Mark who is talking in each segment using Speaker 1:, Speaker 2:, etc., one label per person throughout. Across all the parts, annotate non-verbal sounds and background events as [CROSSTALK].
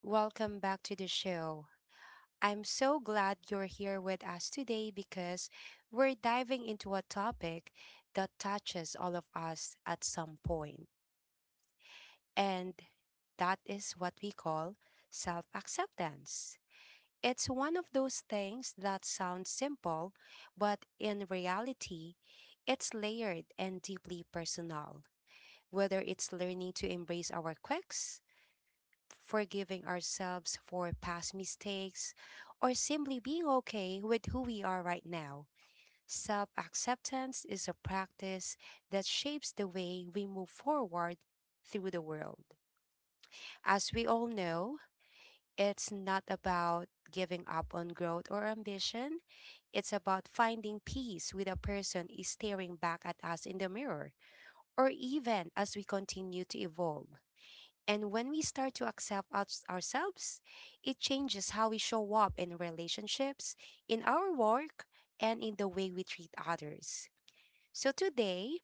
Speaker 1: welcome back to the show. I'm so glad you're here with us today because we're diving into a topic that touches all of us at some point, and that is what we call self acceptance. It's one of those things that sounds simple, but in reality, it's layered and deeply personal. Whether it's learning to embrace our quirks, forgiving ourselves for past mistakes, or simply being okay with who we are right now. Self acceptance is a practice that shapes the way we move forward through the world. As we all know, it's not about giving up on growth or ambition. It's about finding peace with a person is staring back at us in the mirror, or even as we continue to evolve. And when we start to accept ourselves, it changes how we show up in relationships, in our work, and in the way we treat others. So today,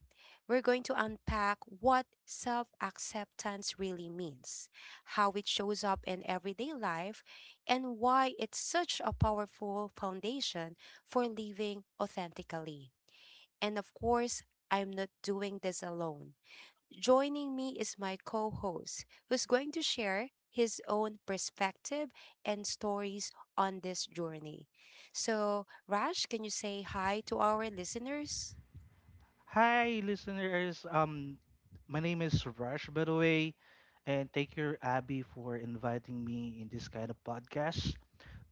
Speaker 1: we're going to unpack what self acceptance really means, how it shows up in everyday life, and why it's such a powerful foundation for living authentically. And of course, I'm not doing this alone. Joining me is my co host, who's going to share his own perspective and stories on this journey. So, Raj, can you say hi to our listeners?
Speaker 2: Hi, listeners. My name is Rush, by the way, and thank you, Abby, for inviting me in this kind of podcast.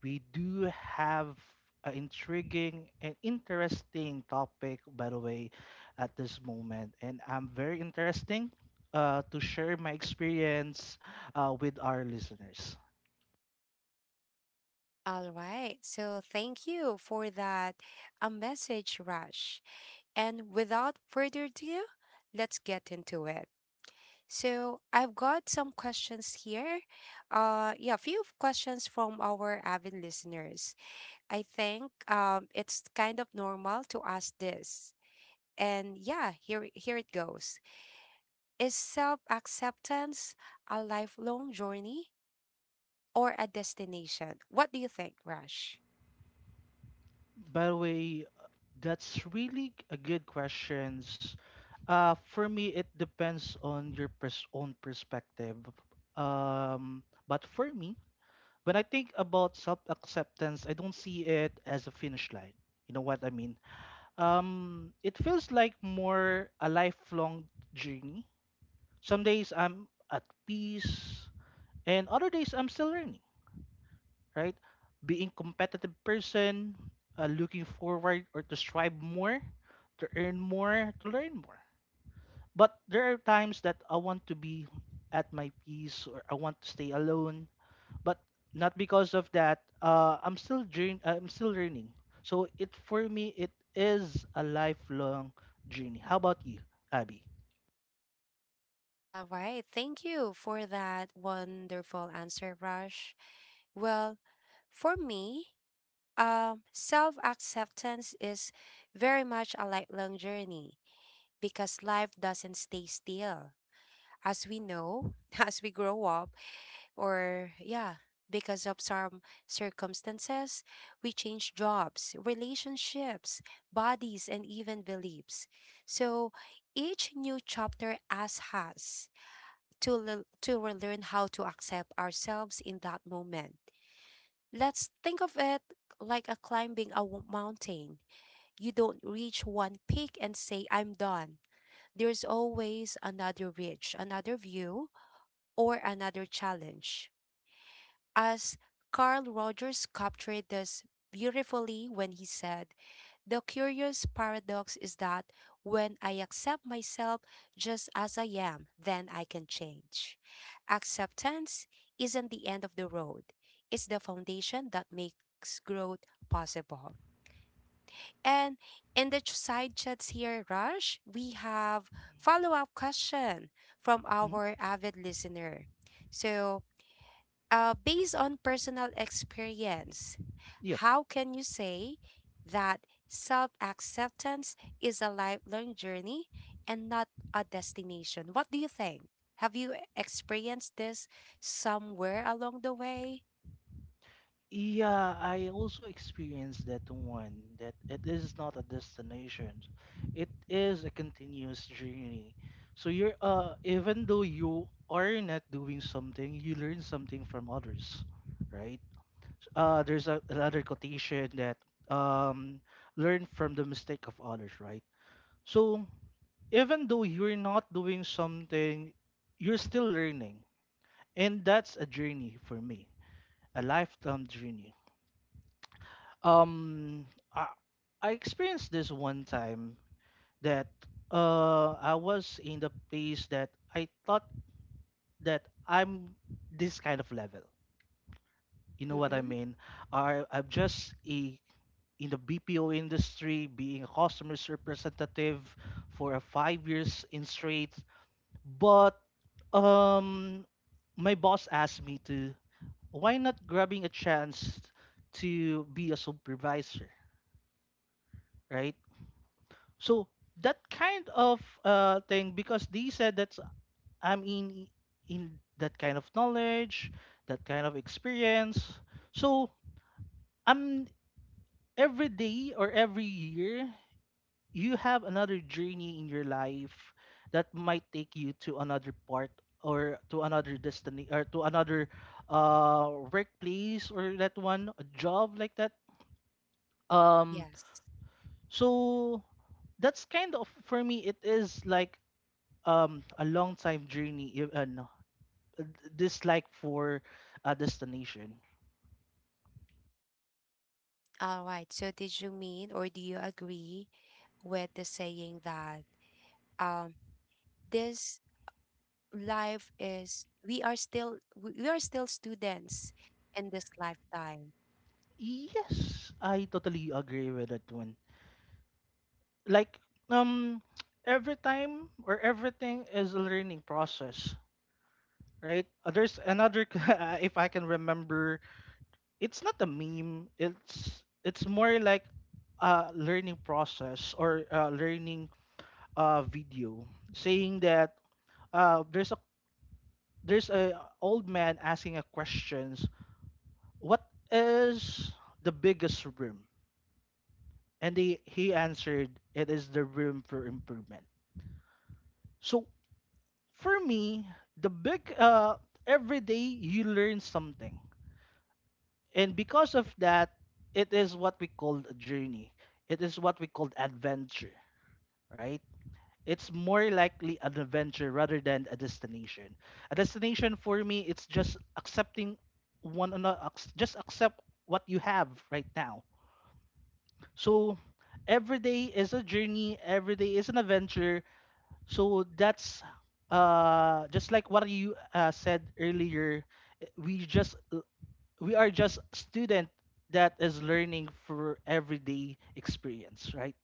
Speaker 2: We do have an intriguing and interesting topic, by the way, at this moment, and I'm very interesting to share my experience with our listeners.
Speaker 1: All right. So, thank you for that a message, Raj. And without further ado, let's get into it. So, I've got some questions here. Yeah, a few questions from our avid listeners. I think it's kind of normal to ask this. And yeah, here it goes. Is self-acceptance a lifelong journey or a destination? What do you think, Rush?
Speaker 2: By the way, that's really a good questions. For me, it depends on your own perspective. But for me, when I think about self-acceptance, I don't see it as a finish line. You know what I mean? It feels like more a lifelong journey. Some days I'm at peace, and other days I'm still learning, right? Being competitive person, looking forward or to strive more, to earn more, to learn more. But there are times that I want to be at my peace or I want to stay alone, but not because of that. I'm still I'm still learning. So it for me it is a lifelong journey. How about you, Abby?
Speaker 1: All right, thank you for that wonderful answer, Rush. Well, for me, self-acceptance is very much a lifelong journey because life doesn't stay still. As we know, [LAUGHS] as we grow up, or yeah, because of some circumstances, we change jobs, relationships, bodies, and even beliefs. So each new chapter as has to learn how to accept ourselves in that moment. Let's think of it like a climbing a mountain. You don't reach one peak and say I'm done. There's always another ridge, another view, or another challenge, as Carl Rogers captured this beautifully when he said, "The curious paradox is that when I accept myself just as I am, then I can change." Acceptance isn't the end of the road, it's the foundation that makes growth possible. And in the side chats here, Rush, we have follow-up question from
Speaker 2: Mhm.
Speaker 1: our avid listener. So based on personal experience,
Speaker 2: Yeah.
Speaker 1: how can you say that self acceptance is a lifelong journey and not a destination? What do you think? Have you experienced this somewhere along the way?
Speaker 2: Yeah, I also experienced that one, that it is not a destination. It is a continuous journey. So you're even though you are not doing something, you learn something from others, right? There's a, another quotation that um learn from the mistake of others, right? So even though you're not doing something, you're still learning. And that's a journey for me, a lifetime journey. Um, I, I experienced this one time that I was in the place that I thought that I'm this kind of level. You know what I
Speaker 1: Mm-mm.
Speaker 2: mean? I'm just a in the BPO industry, being a customer representative for a 5 years in straight. But um, my boss asked me to why not grabbing a chance to be a supervisor, right? So that kind of thing because they said that I'm in that kind of knowledge, that kind of experience. So I'm every day or every year you have another journey in your life that might take you to another part or to another destiny or to another workplace or that one a job like that. um
Speaker 1: Yes.
Speaker 2: so that's kind of for me it is like a long time journey no, uh, this like for a destination.
Speaker 1: All right. So, did you mean or do you agree with the saying that um, this life is, we are still, we are still students in this lifetime?
Speaker 2: Yes, I totally agree with that one. Like um [TSK] every time or everything is a learning process, right? There's another [LAUGHS] if I can remember, it's not a meme, it's more like a learning process or a learning video saying that uh there's a there's a old man asking a question. What is the biggest room? And he answered, it is the room for improvement. So for me, the big, every day you learn something. And because of that, it is what we called a journey. It is what we called adventure, right? It's more likely an adventure rather than a destination. A destination for me, it's just accepting one another, just accept what you have right now. So every day is a journey, every day is an adventure. So that's just like what you said earlier, eh, we just we are just student that is learning for everyday experience, right?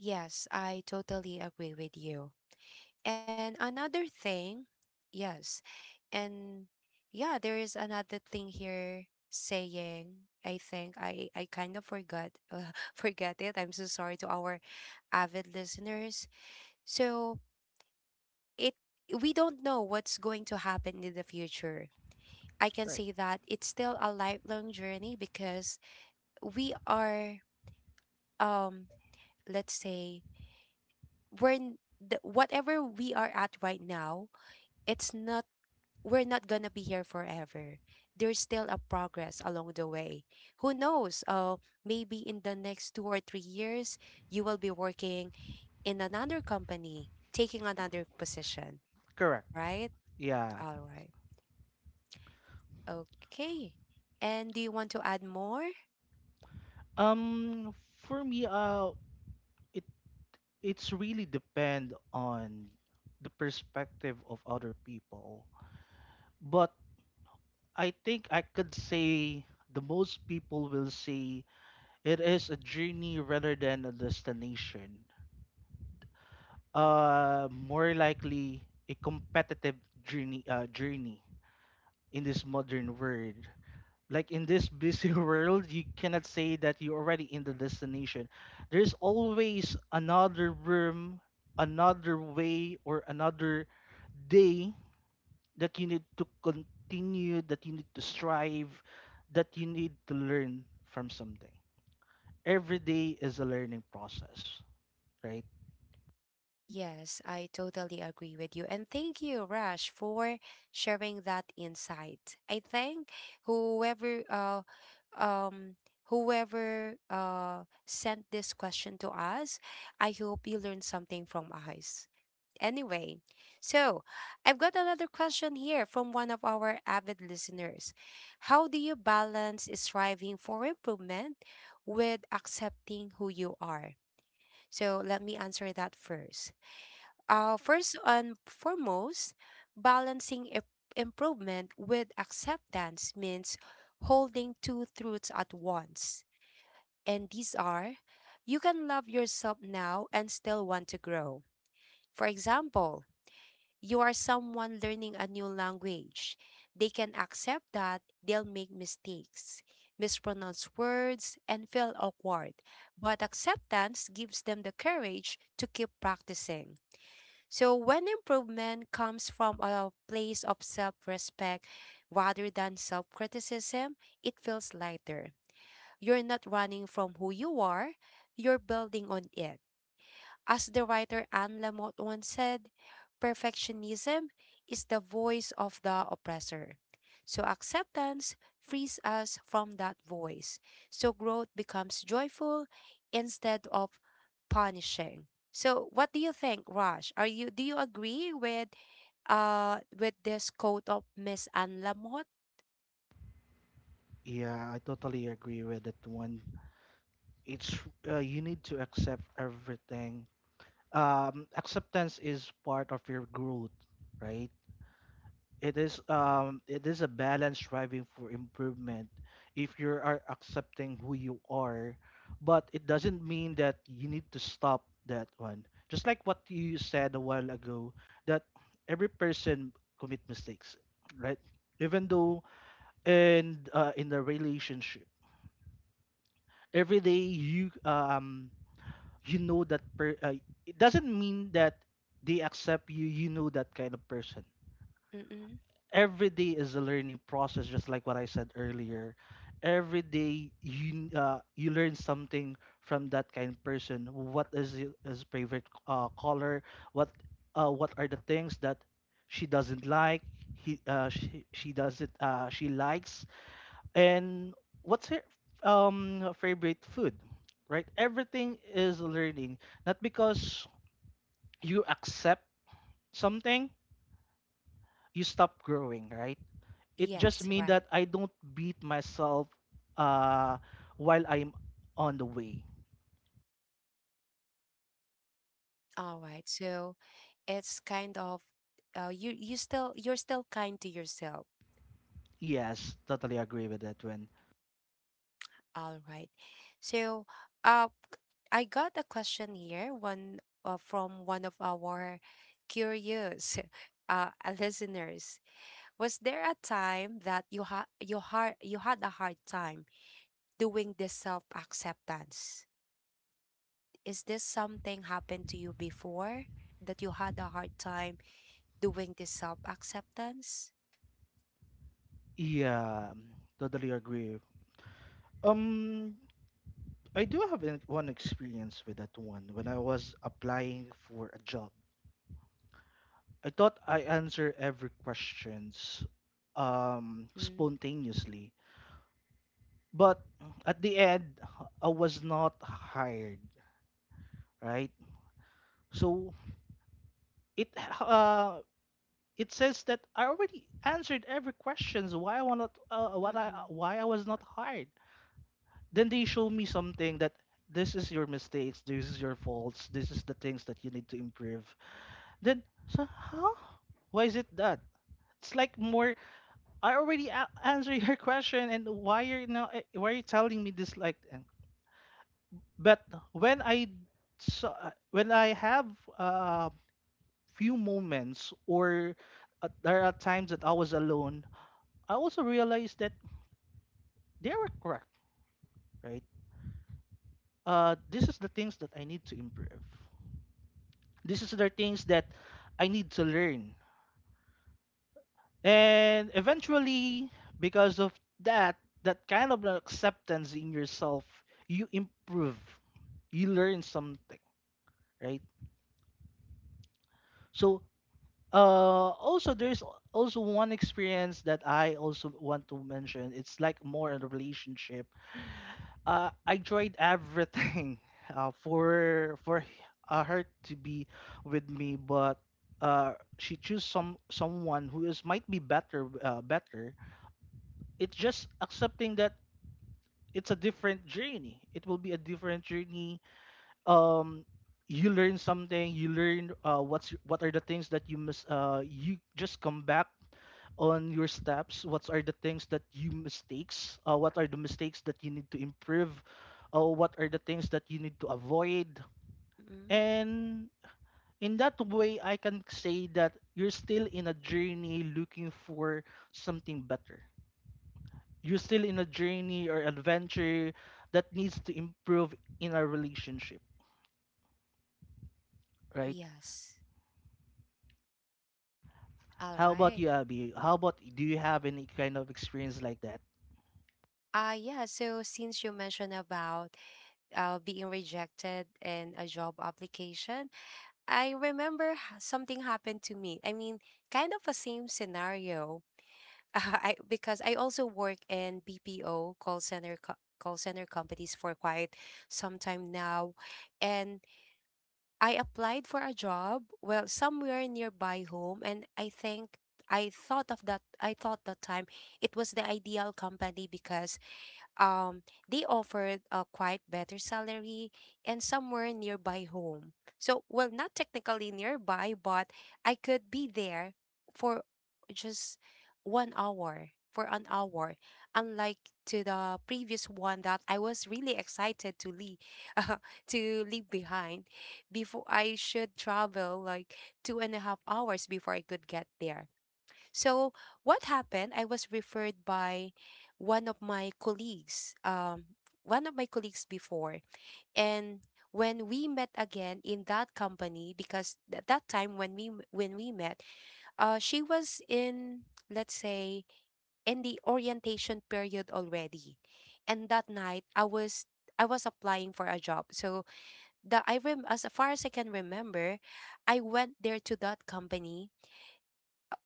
Speaker 1: Yes, I totally agree with you. And another thing, yes, and yeah, there is another thing here saying, I think I kind of forgot [LAUGHS] forget it. I'm so sorry to our avid listeners. So, it we don't know what's going to happen in the future. I can
Speaker 2: Right.
Speaker 1: say that it's still a lifelong journey because we are, um let's say, whatever we are at right now. It's not, we're not gonna be here forever. There's still a progress along the way. Who knows? Maybe in the next 2 or 3 years, you will be working in another company, taking another position,
Speaker 2: Correct.
Speaker 1: right?
Speaker 2: Yeah.
Speaker 1: All right. Okay. And do you want to add more?
Speaker 2: Um for me it it's really depend on the perspective of other people. But I think I could say the most people will say it is a journey rather than a destination. More likely a competitive journey. Journey in this modern world. Like in this busy [LAUGHS] world, you cannot say that you're already in the destination. There's always another room, another way, or another day that you need to continue, that you need to strive, that you need to learn from something. Every day is a learning process, right?
Speaker 1: Yes, I totally agree with you. And thank you, Rash, for sharing that insight. I think whoever uh um whoever sent this question to us, I hope you learned something from us. Anyway, so I've got another question here from one of our avid listeners. How do you balance striving for improvement with accepting who you are? So let me answer that first. First and foremost, balancing improvement with acceptance means holding two truths at once. And these are, you can love yourself now and still want to grow. For example, you are someone learning a new language. They can accept that they'll make mistakes, mispronounce words, and feel awkward. But acceptance gives them the courage to keep practicing. So, when improvement comes from a place of self respect rather than self criticism, it feels lighter. You're not running from who you are, you're building on it. As the writer Anne Lamott once said, "Perfectionism is the voice of the oppressor." So acceptance frees us from that voice. So growth becomes joyful instead of punishing. So what do you think, Raj? Are you do you agree with with this quote of Miss Anne Lamott?
Speaker 2: Yeah, I totally agree with that one. It's you need to accept everything. Acceptance is part of your growth, right? It is a balance striving for improvement. If you are accepting who you are, but it doesn't mean that you need to stop that one. Just like what you said a while ago, that every person commit mistakes, right? Even though and in the relationship every day you you know that per it doesn't mean that they accept you you know that kind of person.
Speaker 1: Mm-mm.
Speaker 2: Every day is a learning process, just like what I said earlier. Every day you you learn something from that kind of person. What is his favorite color? What, what are the things that she doesn't like, he she doesn't she likes? And what's her favorite food? Right? Everything is learning. Not because you accept something, you stop growing, right? It just
Speaker 1: Yes,
Speaker 2: means
Speaker 1: right.
Speaker 2: that I don't beat myself uh while I'm on the way.
Speaker 1: All right. So it's kind of you're still kind to yourself.
Speaker 2: Yes, totally agree with that one.
Speaker 1: All right. So, uh, I got a question here, one from one of our curious [LAUGHS] listeners. Was there a time that you had a hard time doing this self-acceptance? Is this something happened to you before that you had a hard time doing this self-acceptance?
Speaker 2: Yeah, totally agree. Um I do have one experience with that one when I was applying for a job. I thought I answer every questions
Speaker 1: Mm-mm,
Speaker 2: spontaneously. But at the end I was not hired, right? So it uh it says that I already answered every questions why I was not what I
Speaker 1: mm-mm,
Speaker 2: why I was not hired. Then they show me something that this is your mistakes, this is your faults, this is the things that you need to improve. Then so huh? Why is it that? It's like more I already answered your [LAUGHS] question, and why you're now eh, why are you telling me this like? That? But when I saw when I have uh, few moments or there are times that I was alone, I also realized that they were correct, right? This is the things that I need to improve. This is the things that I need to learn. And eventually, because of that, that kind of acceptance in yourself, you improve. You learn something, right? So, also there's also one experience that I also want to mention. It's like more in a relationship. I tried everything [LAUGHS] for her to be with me, but uh, she choose someone who is might be better better. It's just accepting that it's a different journey. It will be a different journey. Um, you learn something. You learn what's what are the things that you must. You just come back on your steps. What are the things that you mistakes? What are the mistakes that you need to improve? What are the things that you need to avoid?
Speaker 1: mm-mm.
Speaker 2: And in that way, I can say that you're still in a journey looking for something better. You're still in a journey or adventure that needs to improve in a relationship, right?
Speaker 1: Yes. All
Speaker 2: How about
Speaker 1: right.
Speaker 2: you, Abby? How about do you have any kind of experience like that?
Speaker 1: Yeah, so since you mentioned about being rejected in a job application, I remember something happened to me. I mean, kind of a same scenario. [LAUGHS] I also work in BPO call center call center companies for quite some time now, and I applied for a job, well, somewhere nearby home, and I think. I thought of that. I thought that time it was the ideal company because um, they offered a quite better salary and somewhere nearby home. So, well, not technically nearby, but I could be there for just 1 hour, for an hour, unlike to the previous one that I was really excited to leave, [LAUGHS] uh, to leave behind before I should travel like 2.5 hours before I could get there. So what happened? I was referred by one of my colleagues, before, and when we met again in that company, because at that time when we met, she was in, let's say, in the orientation period already, and that night I was applying for a job. So the I rem as far as I can remember, I went there to that company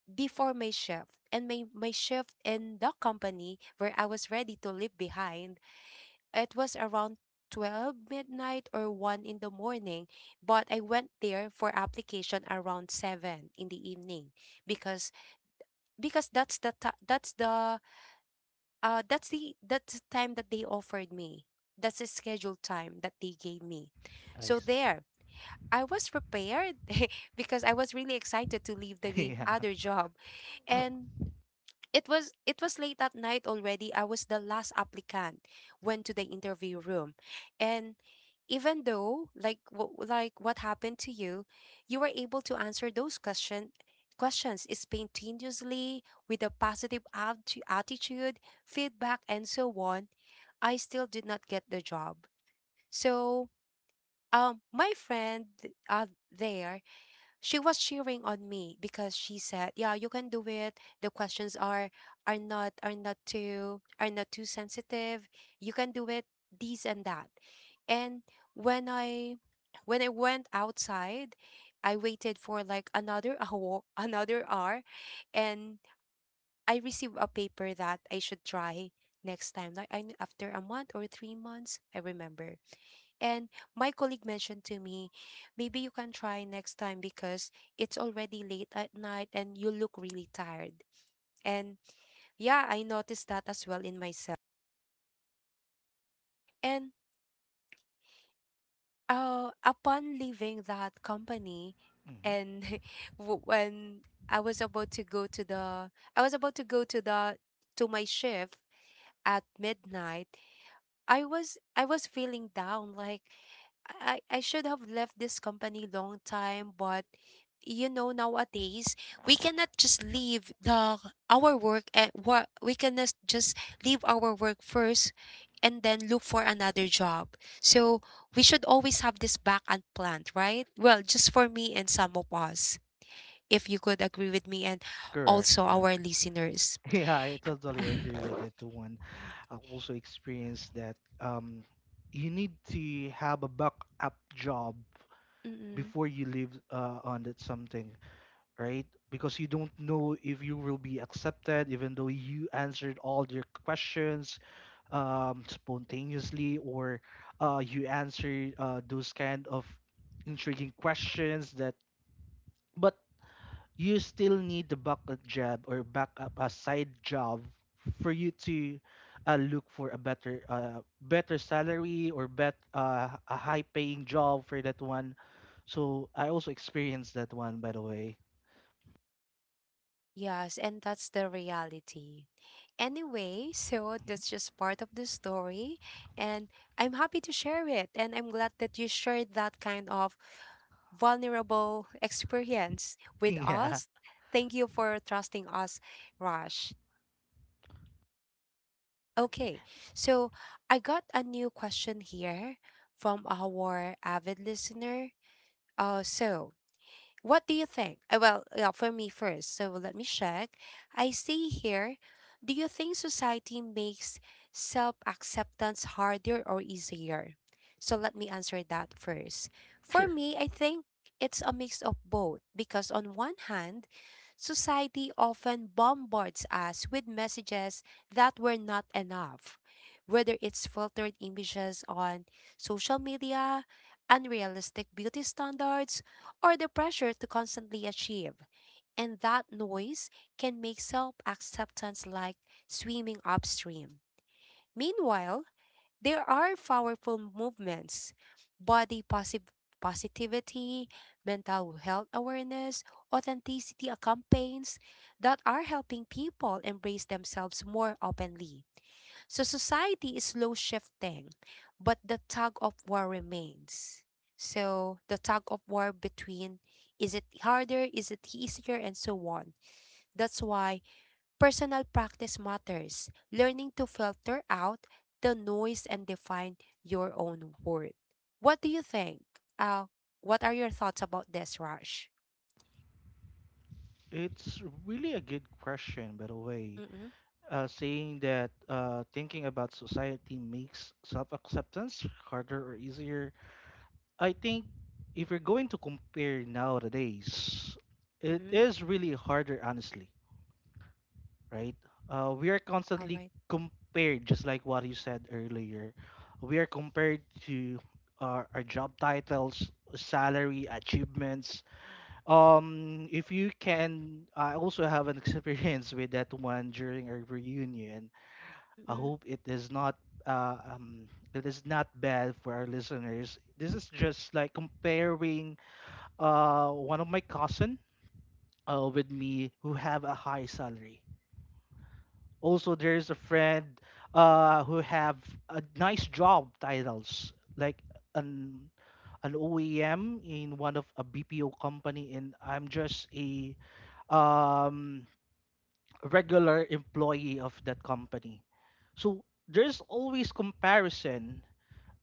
Speaker 1: before my shift. And my shift in the company where I was ready to leave behind, it was around 12 midnight or 1 in the morning. But I went there for application around 7 in the evening because because that's the time that they offered me. That's the scheduled time that they gave me.
Speaker 2: I
Speaker 1: So
Speaker 2: see.
Speaker 1: there, I was prepared [LAUGHS] because I was really excited to leave
Speaker 2: [LAUGHS]
Speaker 1: the
Speaker 2: Yeah.
Speaker 1: other job. And it was late at night already. I was the last applicant went to the interview room. And even though like what happened to you, you were able to answer those questions spontaneously with a positive attitude, feedback and so on. I still did not get the job. So, my friend, there, she was cheering on me because she said, "Yeah, you can do it. The questions are not too sensitive. You can do it. These and that." And when I when I went outside, I waited for like another [LAUGHS] hour, another hour, and I received a paper that I should try next time. Like after a month or 3 months, I remember. And my colleague mentioned to me, maybe you can try next time because it's already late at night and you look really tired. And yeah, I noticed that as well in myself. And upon leaving that company,
Speaker 2: Mhm.
Speaker 1: and [LAUGHS] when I was about to go to the, I was about to go to the, to my shift at midnight. I was feeling down, like I should have left this company long time, but nowadays we cannot just leave the our work and what we cannot just leave our work first and then look for another job. So we should always have this back and plan, right? Well, just for me and some of us, if you could agree with me and
Speaker 2: Correct.
Speaker 1: also
Speaker 2: Yeah.
Speaker 1: our listeners.
Speaker 2: [LAUGHS] Yeah, I totally agree with that one. I also experienced that um you need to have a backup job
Speaker 1: Mm-mm.
Speaker 2: before you leave on that something, right? Because you don't know if you will be accepted, even though you answered all your questions spontaneously, or you answered those kind of intriguing questions that, but you still need the backup job or backup a side job for you to look for a better better salary or bet a high paying job for that one. So I also experienced that one by the way.
Speaker 1: Yes, and that's the reality. Anyway, so that's just part of the story, and I'm happy to share it, and I'm glad that you shared that kind of vulnerable experience
Speaker 2: [LAUGHS]
Speaker 1: with
Speaker 2: Yeah,
Speaker 1: us. Thank you for trusting us, Raj. Okay, so I got a new question here from our avid listener. So what do you think? Well, yeah, for me first. So let me check. I see here. Do you think society makes self acceptance harder or easier? So let me answer that first. For
Speaker 2: sure.
Speaker 1: me, I think it's a mix of both because, on one hand, society often bombards us with messages that were not enough, whether it's filtered images on social media, unrealistic beauty standards, or the pressure to constantly achieve. And that noise can make self acceptance like swimming upstream. Meanwhile, there are powerful movements body posi- positivity, mental health awareness, authenticity campaigns that are helping people embrace themselves more openly. So society is slow shifting, but the tug of war remains. So the tug of war between is it harder, is it easier, and so on. That's why personal practice matters. Learning to filter out the noise and define your own worth. What do you think? Uh, what are your thoughts about this, Rush?
Speaker 2: It's really a good question, by the way.
Speaker 1: Mm-mm,
Speaker 2: Saying that thinking about society makes self acceptance harder or easier. I think if you're going to compare nowadays, it
Speaker 1: mm-mm,
Speaker 2: is really harder, honestly, right? We are
Speaker 1: all
Speaker 2: constantly
Speaker 1: right.
Speaker 2: compared, just like what you said earlier. We are compared to our job titles, salary, achievements, if you can, I also have an [LAUGHS] experience with that one during a reunion. I hope uh, um it is not bad for our listeners. This is just like comparing one of my cousin with me who have a high salary. Also, there's a friend who have a nice job titles like an an OEM in one of a BPO company, and I'm just a um regular employee of that company. So there's always comparison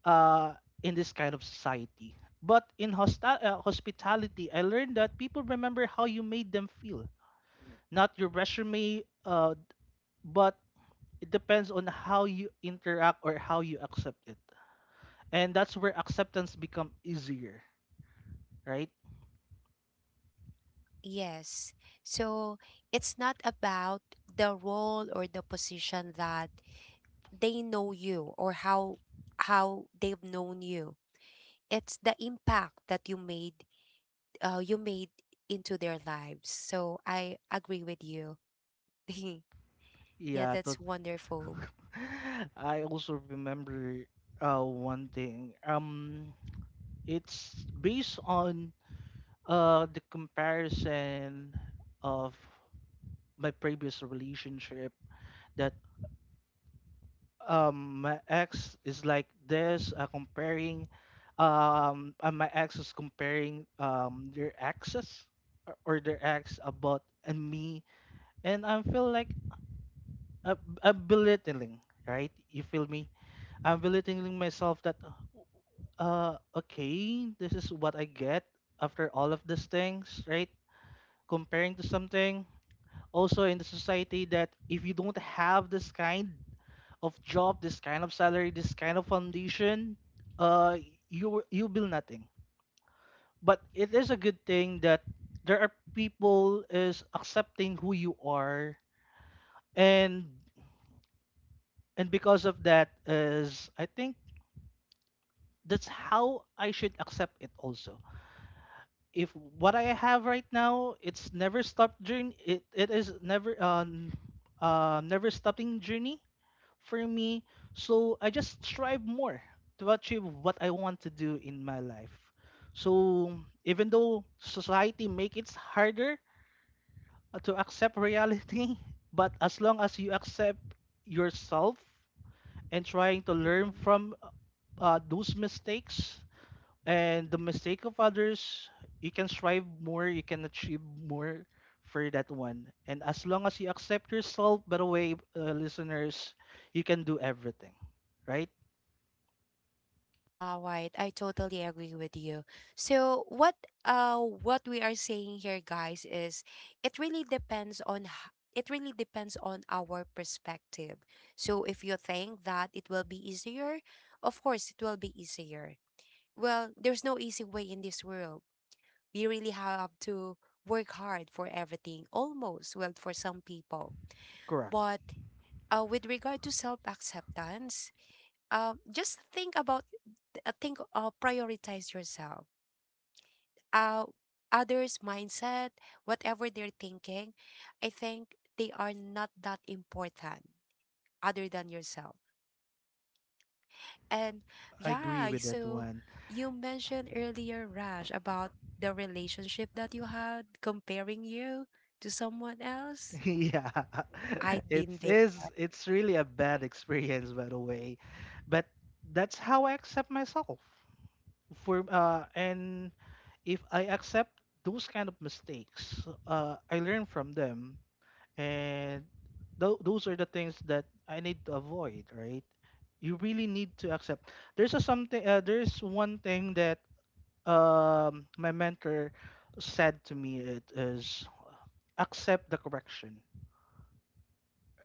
Speaker 2: uh, in this kind of society. But in hospitality, I learned that people remember how you made them feel, not your resume, but it depends on how you interact or how you accept it. And that's where acceptance become easier, right?
Speaker 1: Yes. So it's not about the role or the position that they know you or how they've known you. It's the impact that you made you made into their lives. So I agree with you. [LAUGHS] Yeah,
Speaker 2: Yeah,
Speaker 1: that's wonderful.
Speaker 2: [LAUGHS] I also remember one thing. It's based on the comparison of my previous relationship that my ex is like this, comparing, my ex is comparing their exes or their ex about and me, and I feel like I'm belittling, right? You feel me? I'm belittling myself that okay this is what I get after all of these things, right? Comparing to something. Also in the society that if you don't have this kind of job, this kind of salary, this kind of foundation, uh, you you build nothing. But it is a good thing that there are people is accepting who you are, and and because of that is I think that's how I should accept it also. If what I have right now, it's never stopped journey. It is never never stopping journey for me. So I just strive more to achieve what I want to do in my life. So even though society make it harder to accept reality, [LAUGHS] but as long as you accept yourself and trying to learn from those mistakes and the mistake of others, you can strive more, you can achieve more for that one. And as long as you accept yourself, by the way, listeners, you can do everything, right?
Speaker 1: All right, I totally agree with you. So what we are saying here, guys, is it really depends on our perspective. So if you think that it will be easier, of course it will be easier. Well, there's no easy way in this world. We really have to work hard for everything almost, well, for some people.
Speaker 2: Correct.
Speaker 1: But with regard to self-acceptance, just think about think prioritize yourself, uh, others mindset, whatever they're thinking, I think they are not that important other than yourself. And
Speaker 2: I agree
Speaker 1: yeah,
Speaker 2: with that
Speaker 1: so
Speaker 2: one.
Speaker 1: you mentioned earlier, Raj, about the relationship that you had comparing you to someone else.
Speaker 2: [LAUGHS] Yeah.
Speaker 1: I've
Speaker 2: [LAUGHS]
Speaker 1: been
Speaker 2: It's
Speaker 1: there.
Speaker 2: is it's really a bad experience by the way. But that's how I accept myself. For and if I accept those kind of mistakes, I learn from them and those are the things that I need to avoid, right? You really need to accept. There's a something there's one thing that my mentor said to me it is accept the correction.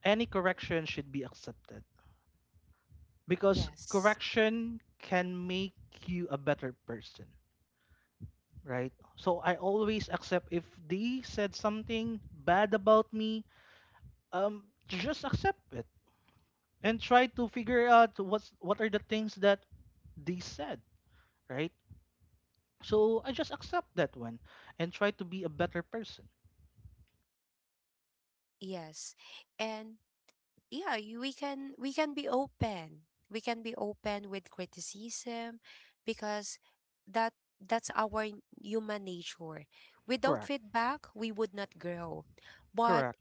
Speaker 2: Any correction should be accepted because
Speaker 1: Yes.
Speaker 2: correction can make you a better person, right? So I always accept if they said something bad about me, just accept it and try to figure out what's what are the things that they said, right? So I just accept that one and try to be a better person.
Speaker 1: Yes, and yeah, you, we can be open, we can be open with criticism, because that that's our human nature. Without
Speaker 2: Correct.
Speaker 1: feedback we would not grow. But
Speaker 2: Correct.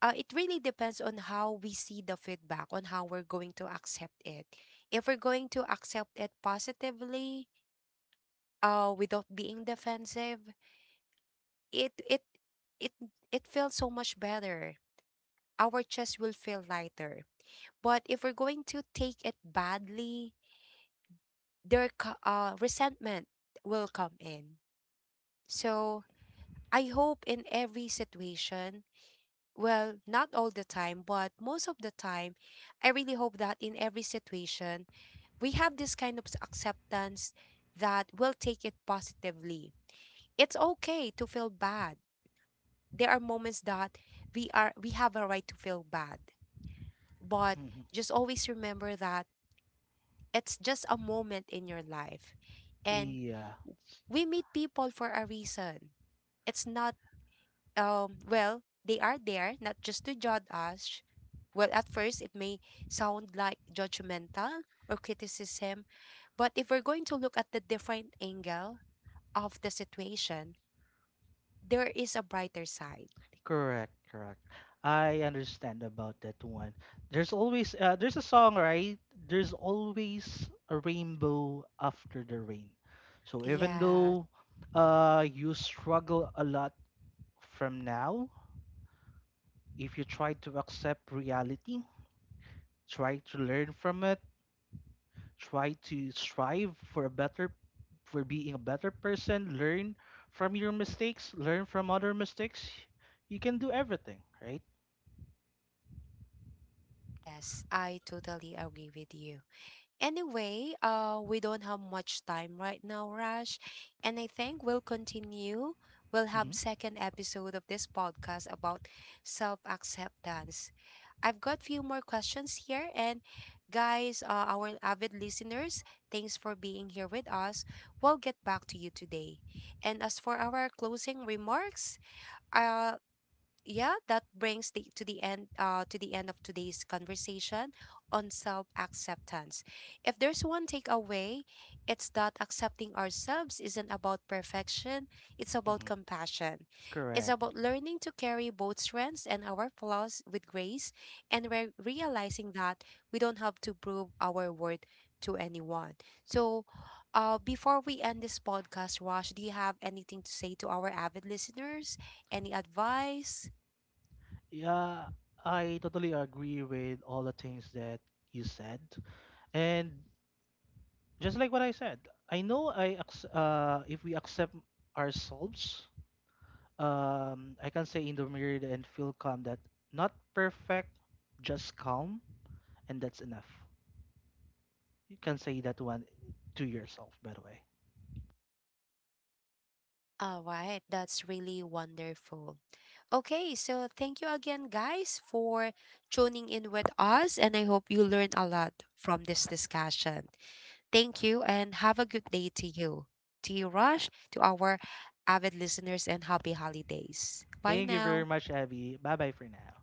Speaker 1: it really depends on how we see the feedback, on how we're going to accept it. If we're going to accept it positively, without being defensive, it it it it feels so much better. Our chest will feel lighter. But if we're going to take it badly, resentment will come in. So I hope in every situation, well, not all the time, but most of the time, I really hope that in every situation, we have this kind of acceptance that will take it positively. It's okay to feel bad. There are moments that we have a right to feel bad. But
Speaker 2: Hmm.
Speaker 1: just always remember that it's just a moment in your life. And
Speaker 2: Yeah.
Speaker 1: we meet people for a reason. It's not, well, they are there not just to judge us. Well, at first, it may sound like judgmental or criticism, but if we're going to look at the different angle of the situation, there is a brighter side.
Speaker 2: Correct, correct. I understand about that one. There's a song, right? There's always a rainbow after the rain. So even
Speaker 1: Yeah,
Speaker 2: though you struggle a lot from now, if you try to accept reality, try to learn from it, try to strive for a better for being a better person, learn from your mistakes, learn from other mistakes, you can do everything, right?
Speaker 1: yes, I totally agree with you. Anyway, we don't have much time right now, Raj, and I think we'll continue. We'll
Speaker 2: Mm-hmm.
Speaker 1: have second episode of this podcast about self-acceptance. I've got few more questions here, and guys, our avid listeners, thanks for being here with us. We'll get back to you today. And as for our closing remarks, uh, yeah, that brings the to the end of today's conversation on self-acceptance. If there's one takeaway, it's that accepting ourselves isn't about perfection, it's about compassion. It's
Speaker 2: Mm-hmm.
Speaker 1: about learning to carry both strengths and our flaws with grace, and realizing that we don't have to prove our worth to anyone. So before we end this podcast, Rosh, do you have anything to say to our avid listeners? Any advice?
Speaker 2: Yeah, I totally agree with all the things that you said. And just like what I said, I know I if we accept ourselves, I can say in the mirror and feel calm that not perfect, just calm, and that's enough. You can say that one to yourself, by the way.
Speaker 1: All right, that's really wonderful. Okay, so thank you again, guys, for tuning in with us, and I hope you learned a lot from this discussion. Thank you, and have a good day to you, Rush, to our avid listeners, and happy holidays. Bye
Speaker 2: Thank you very
Speaker 1: now.
Speaker 2: much, Abby. Bye bye for now.